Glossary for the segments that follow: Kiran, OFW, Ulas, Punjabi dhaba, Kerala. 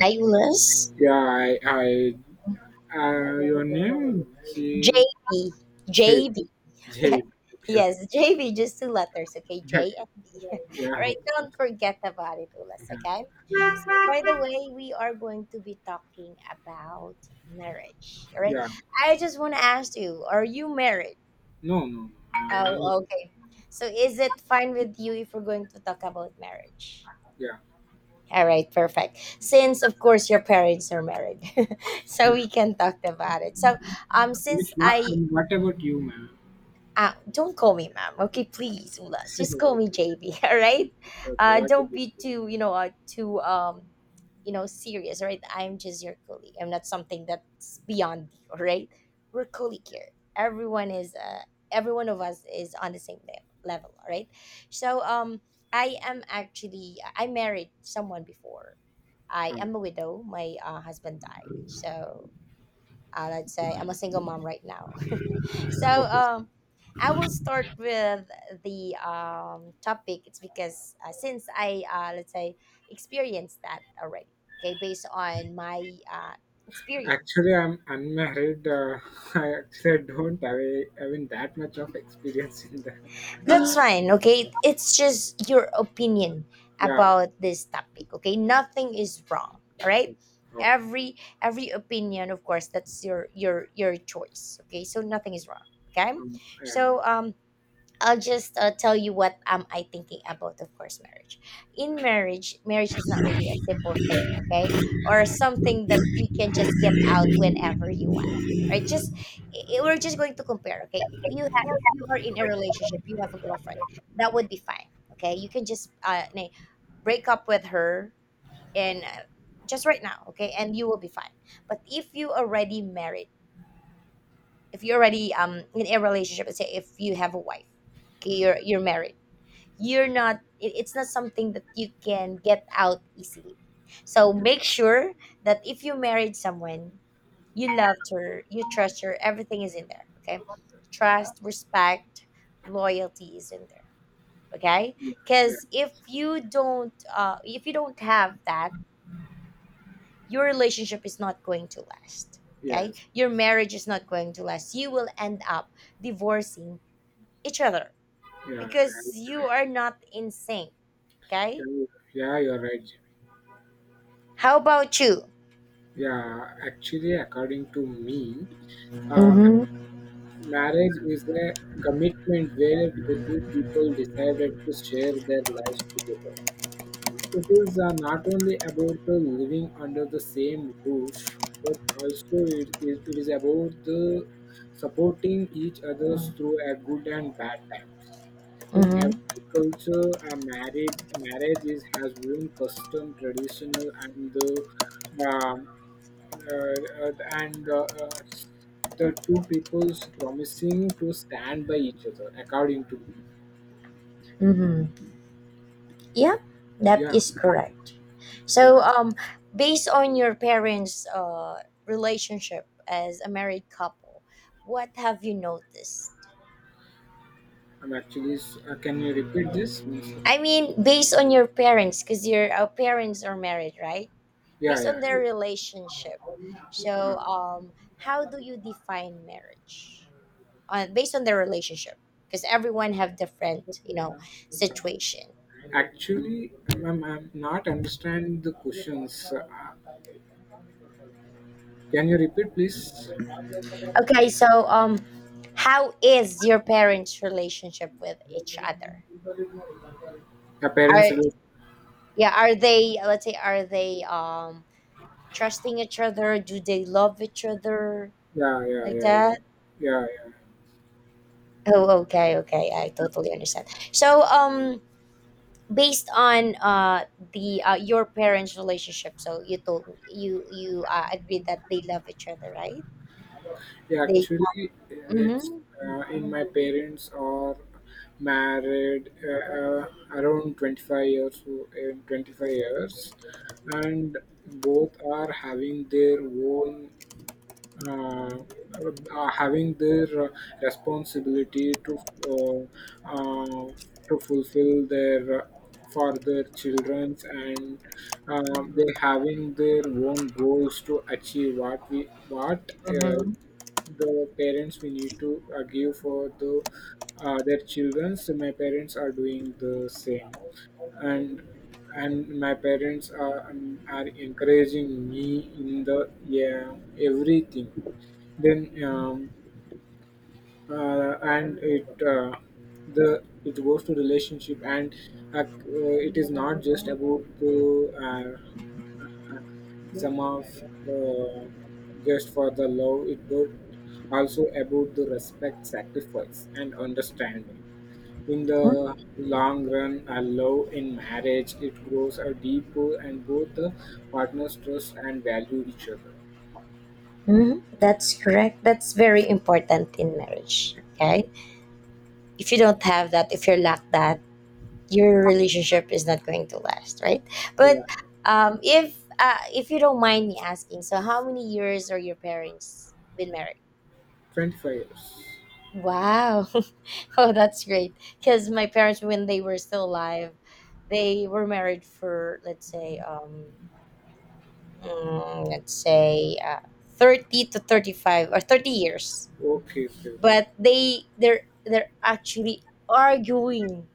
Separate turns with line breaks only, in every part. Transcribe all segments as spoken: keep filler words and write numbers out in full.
Naiulus.
Yeah, I, I, uh, your name,
J
J,
B,
J,
J B. Okay.
J, okay, okay,
Yes, J B, just two letters. Okay, J and B. All
yeah,
right,
okay,
don't forget about it, Ulas.
yeah,
Okay. So, by the way, we are going to be talking about marriage. All right.
yeah,
I just want to ask you, are you married?
no, no, uh,
Oh, okay. So, is it fine with you if we're going to talk about marriage?
yeah,
All right, perfect. Since, of course, your parents are married, so
yeah.
we can talk about it. So, um, since
Which, what,
I
and what about you, ma'am?
Uh, don't call me ma'am, okay? Please, Ulas, just call me
Okay,
J B, all right?
okay,
Uh,
what about
don't be
you?
too, you know, uh, too, um, you know, serious, all right? I'm just your colleague. I'm not something that's beyond you, all right? We're colleague here. Everyone is, uh, every one of us is on the same level, level all right? So, um, I am, actually, I married someone before. I
Um,
am a widow. My uh, husband died. So, uh, let's say I'm a single mom right now.
okay,
So,
so
um, I will start with the um, topic. It's because uh, since I uh, let's say experienced that already. Okay, based on my uh, experience.
actually, I'm unmarried. Uh, I actually don't have a, I mean, that much of experience in the,
That's fine. Okay, it's just your opinion
yeah,
about this topic. Okay,
yeah,
nothing is wrong. All right,
okay, okay.
every every opinion, of course, that's your your your choice. Okay, so nothing is wrong. Okay,
Um, yeah,
so um I'll just uh, tell you what am I thinking about. Of course, marriage. In marriage, marriage is not really a simple thing, okay, or something that you can just get out whenever you want. Right? Just i- i- we're just going to compare. Okay, you have if you are in a relationship, you have a girlfriend, that would be fine. Okay, you can just uh, nay, break up with her and uh, just right now. Okay, and you will be fine. But if you already married, if you're already um in a relationship, let's say if you have a wife, okay, you're you're married, you're not, it- it's not something that you can get out easily. So make sure that if you married someone, you loved her, you trust her, everything is in there. Okay, trust, respect, loyalty is in there. Okay.
yeah, yeah,
Because if you don't uh, if you don't have that, your relationship is not going to last. Okay,
yes.
your marriage is not going to last, you will end up divorcing each other,
Yeah, and-
because
yeah,
you are not in sync. Okay.
yeah, you're right. Jimmy.
How about you?
Yeah, actually, according to me, uh,
Mm-hmm.
marriage is a commitment where the two people decided to share their lives together. It is uh, not only about the living under the same roof, but also it, it, it is about the supporting each other through a good and bad time. In every
Mm-hmm.
culture, a marriage marriage is, has own custom, traditional, and the um, uh, uh, and uh, uh, the two people's promising to stand by each other, according to me.
Mm-hmm. Yeah, that
Yeah,
is correct.
yeah.
So, um, based on your parents' uh, relationship as a married couple, what have you noticed?
I'm actually. S- Uh, can you repeat this once?
I mean, based on your parents, because your uh, parents are married, right?
Yeah,
Based
yeah.
on their relationship,
Uh,
so um, how do you define marriage? Uh, based on their relationship, because everyone have different, you know, situation.
Actually, I'm, I'm not understand the questions. Uh, can you repeat, please?
Okay, so um how is your parents' relationship with each other?
The
Are
parents. will-
Yeah, are they, let's say are they um trusting each other? Do they love each other
Yeah, yeah,
like
yeah, yeah,
that?
yeah. Yeah.
Oh, okay, okay. I totally understand. So, um based on uh the uh, your parents' relationship, so you told me you you uh, agreed that they love each other, right?
Yeah,
They
actually, it's
Mm-hmm,
uh, in my parents are married, uh, uh, around twenty-five years, o- in twenty-five years, and both are having their own, uh, uh, having their, uh, responsibility to uh, uh, to fulfill their, uh, for their childrens, and uh, they having their own goals to achieve what we what uh,
mm-hmm,
the parents we need to, uh, give for the uh, their childrens. So my parents are doing the same, and and my parents are um, are encouraging me in the, yeah, everything. Then, um, uh, and it uh, the it goes to relationship, and uh, uh, it is not just about the, uh, sum of, uh, just for the love it, but also about the respect, sacrifice, and understanding. In the
mm-hmm.
long run, a love in marriage it grows a deeper, and both the partners trust and value each other.
Mm-hmm. That's correct. That's very important in marriage. Okay. If you don't have that, if you lack that, your relationship is not going to last, right?
Yeah,
But um, if uh, if you don't mind me asking, so how many years are your parents been married?
twenty-five years.
Wow, oh, that's great. Because my parents, when they were still alive, they were married for, let's say, um, mm, let's say, uh, thirty to thirty five or thirty years,
Okay, okay, okay.
but they they're they're actually arguing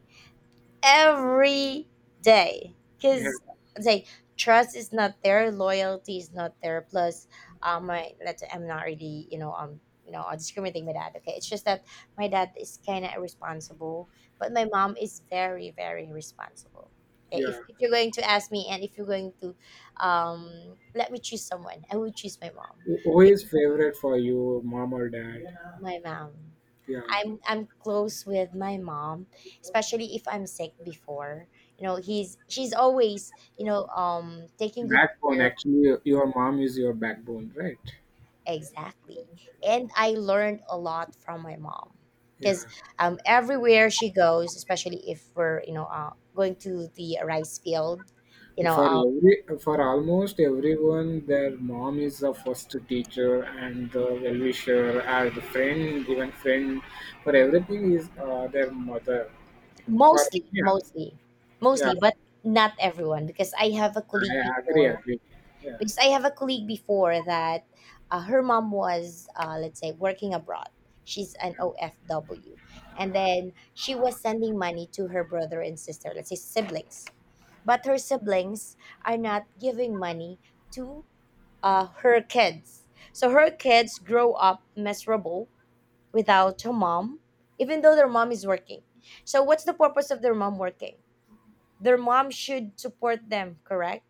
every day,
Yeah,
because, say, trust is not there, loyalty is not there. Plus, um my let's I'm not really, you know, um you know I discriminating my dad, okay. It's just that my dad is kind of irresponsible, but my mom is very very responsible. Okay, if,
yeah.
if you're going to ask me, and if you're going to um let me choose someone, I would choose my mom.
Who
Be-
is favorite for you, mom or dad?
my mom.
Yeah,
I'm I'm close with my mom, especially if I'm sick before. You know, he's she's always, you know, um taking good
backbone.
care of.
Actually, your mom is your backbone, right?
Exactly. And I learned a lot from my mom. Because
Yeah.
um everywhere she goes, especially if we're, you know, uh, going to the rice field, you know,
For
um
every for almost everyone, their mom is the first teacher and the well-wisher and the friend, even friend. For everything is, uh, their mother. For
mostly,
yes,
mostly,
yeah,
mostly, but not everyone, because I have a colleague
I agree,
before
agree. Yeah,
because I have a colleague before that, uh, her mom was, uh, let's say, working abroad. She's an O F W. And then she was sending money to her brother and sister, let's say siblings. But her siblings are not giving money to, uh, her kids. So her kids grow up miserable without her mom, even though their mom is working. So, what's the purpose of their mom working? Their mom should support them, correct?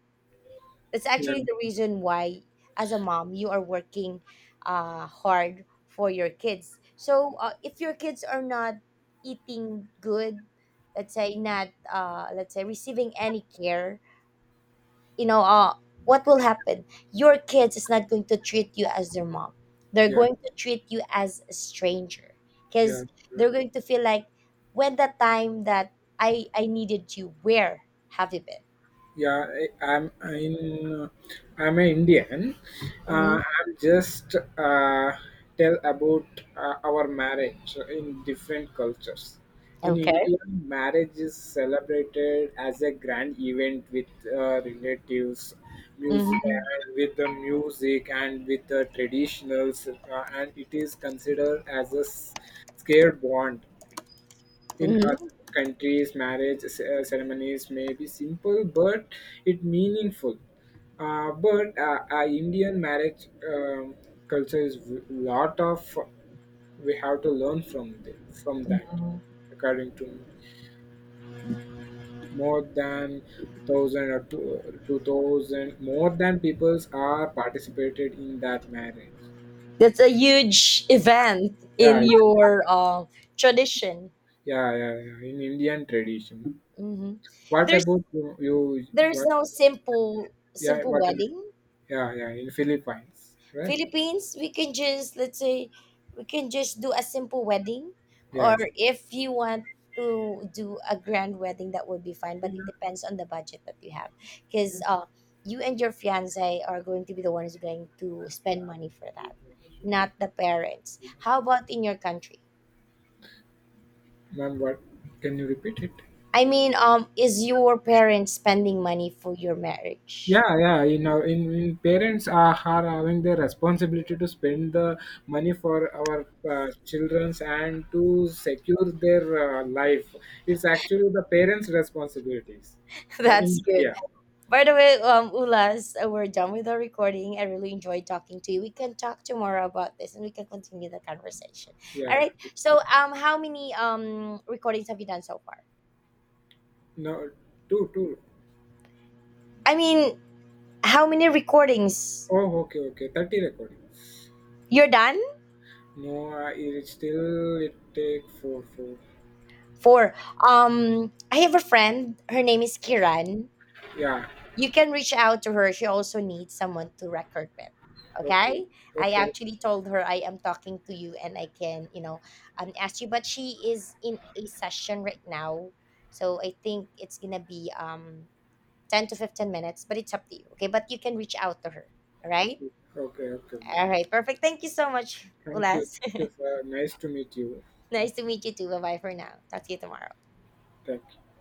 That's
yeah,
actually the reason why, as a mom, you are working uh, hard for your kids. So, uh, if your kids are not eating good, let's say not, uh, let's say receiving any care, you know uh, what will happen, your kids is not going to treat you as their mom. They're
yeah,
going to treat you as a stranger,
yeah.
because they're going to feel like, when the time that i i needed you, where have you been?
Yeah, I, i'm in. Uh, I'm an Indian.
Hmm.
uh, I'm just, uh, tell about, uh, our marriage in different cultures. In
Okay.
India, marriage is celebrated as a grand event with, uh, relatives, music,
Hmm.
and with the music and with the traditionals, uh, and it is considered as a s- scared bond. In other
Hmm.
countries, marriage c- uh, ceremonies may be simple, but it meaningful. Uh, but, uh, uh, Indian marriage, um, culture is a lot of we have to learn from the, from that, according to me. More than thousand or two, two thousand, more than peoples are participated in that marriage.
That's a huge event in
Yeah,
your uh, tradition.
yeah, yeah, yeah. In Indian tradition.
Hmm.
What
There's
about you? You
there's
what
no simple
Yeah,
simple
what about?
wedding.
Yeah, yeah, in Philippines, right?
Philippines, we can just let's say we can just do a simple wedding, or
Yeah,
if you want to do a grand wedding, that would be fine. But it depends on the budget that you have, because uh, you and your fiance are going to be the ones going to spend money for that, not the parents. How about in your country?
ma'am, what? Can you repeat it?
I mean, um, is your parents spending money for your marriage?
Yeah, yeah. You know, in, in parents are, are having the responsibility to spend the money for our, uh, childrens, and to secure their, uh, life. It's actually the parents' responsibilities. Uh, in
That's good.
India,
By the way, um, Ulas, uh, we're done with the recording. I really enjoyed talking to you. We can talk tomorrow about this, and we can continue the conversation.
yeah.
All right. So, um, how many um recordings have you done so far?
No, two, two.
I mean, how many recordings
Oh, okay, okay. Thirty recordings.
you're done?
No, uh, it still it take four, four.
Four. Um, I have a friend. Her name is Kiran.
Yeah.
You can reach out to her. She also needs someone to record with.
Okay,
Okay? I
okay,
actually told her I am talking to you and I can, you know, um, ask you, but she is in a session right now. So I think it's going to be um ten to fifteen minutes, but it's up to you. Okay? But you can reach out to her. All right?
okay, okay.
All right. Perfect. Thank you so much,
Thank you.
Ulas.
Thank you, sir. Nice to meet you.
Nice to meet you too. Bye-bye for now. Talk to you tomorrow.
Thank you.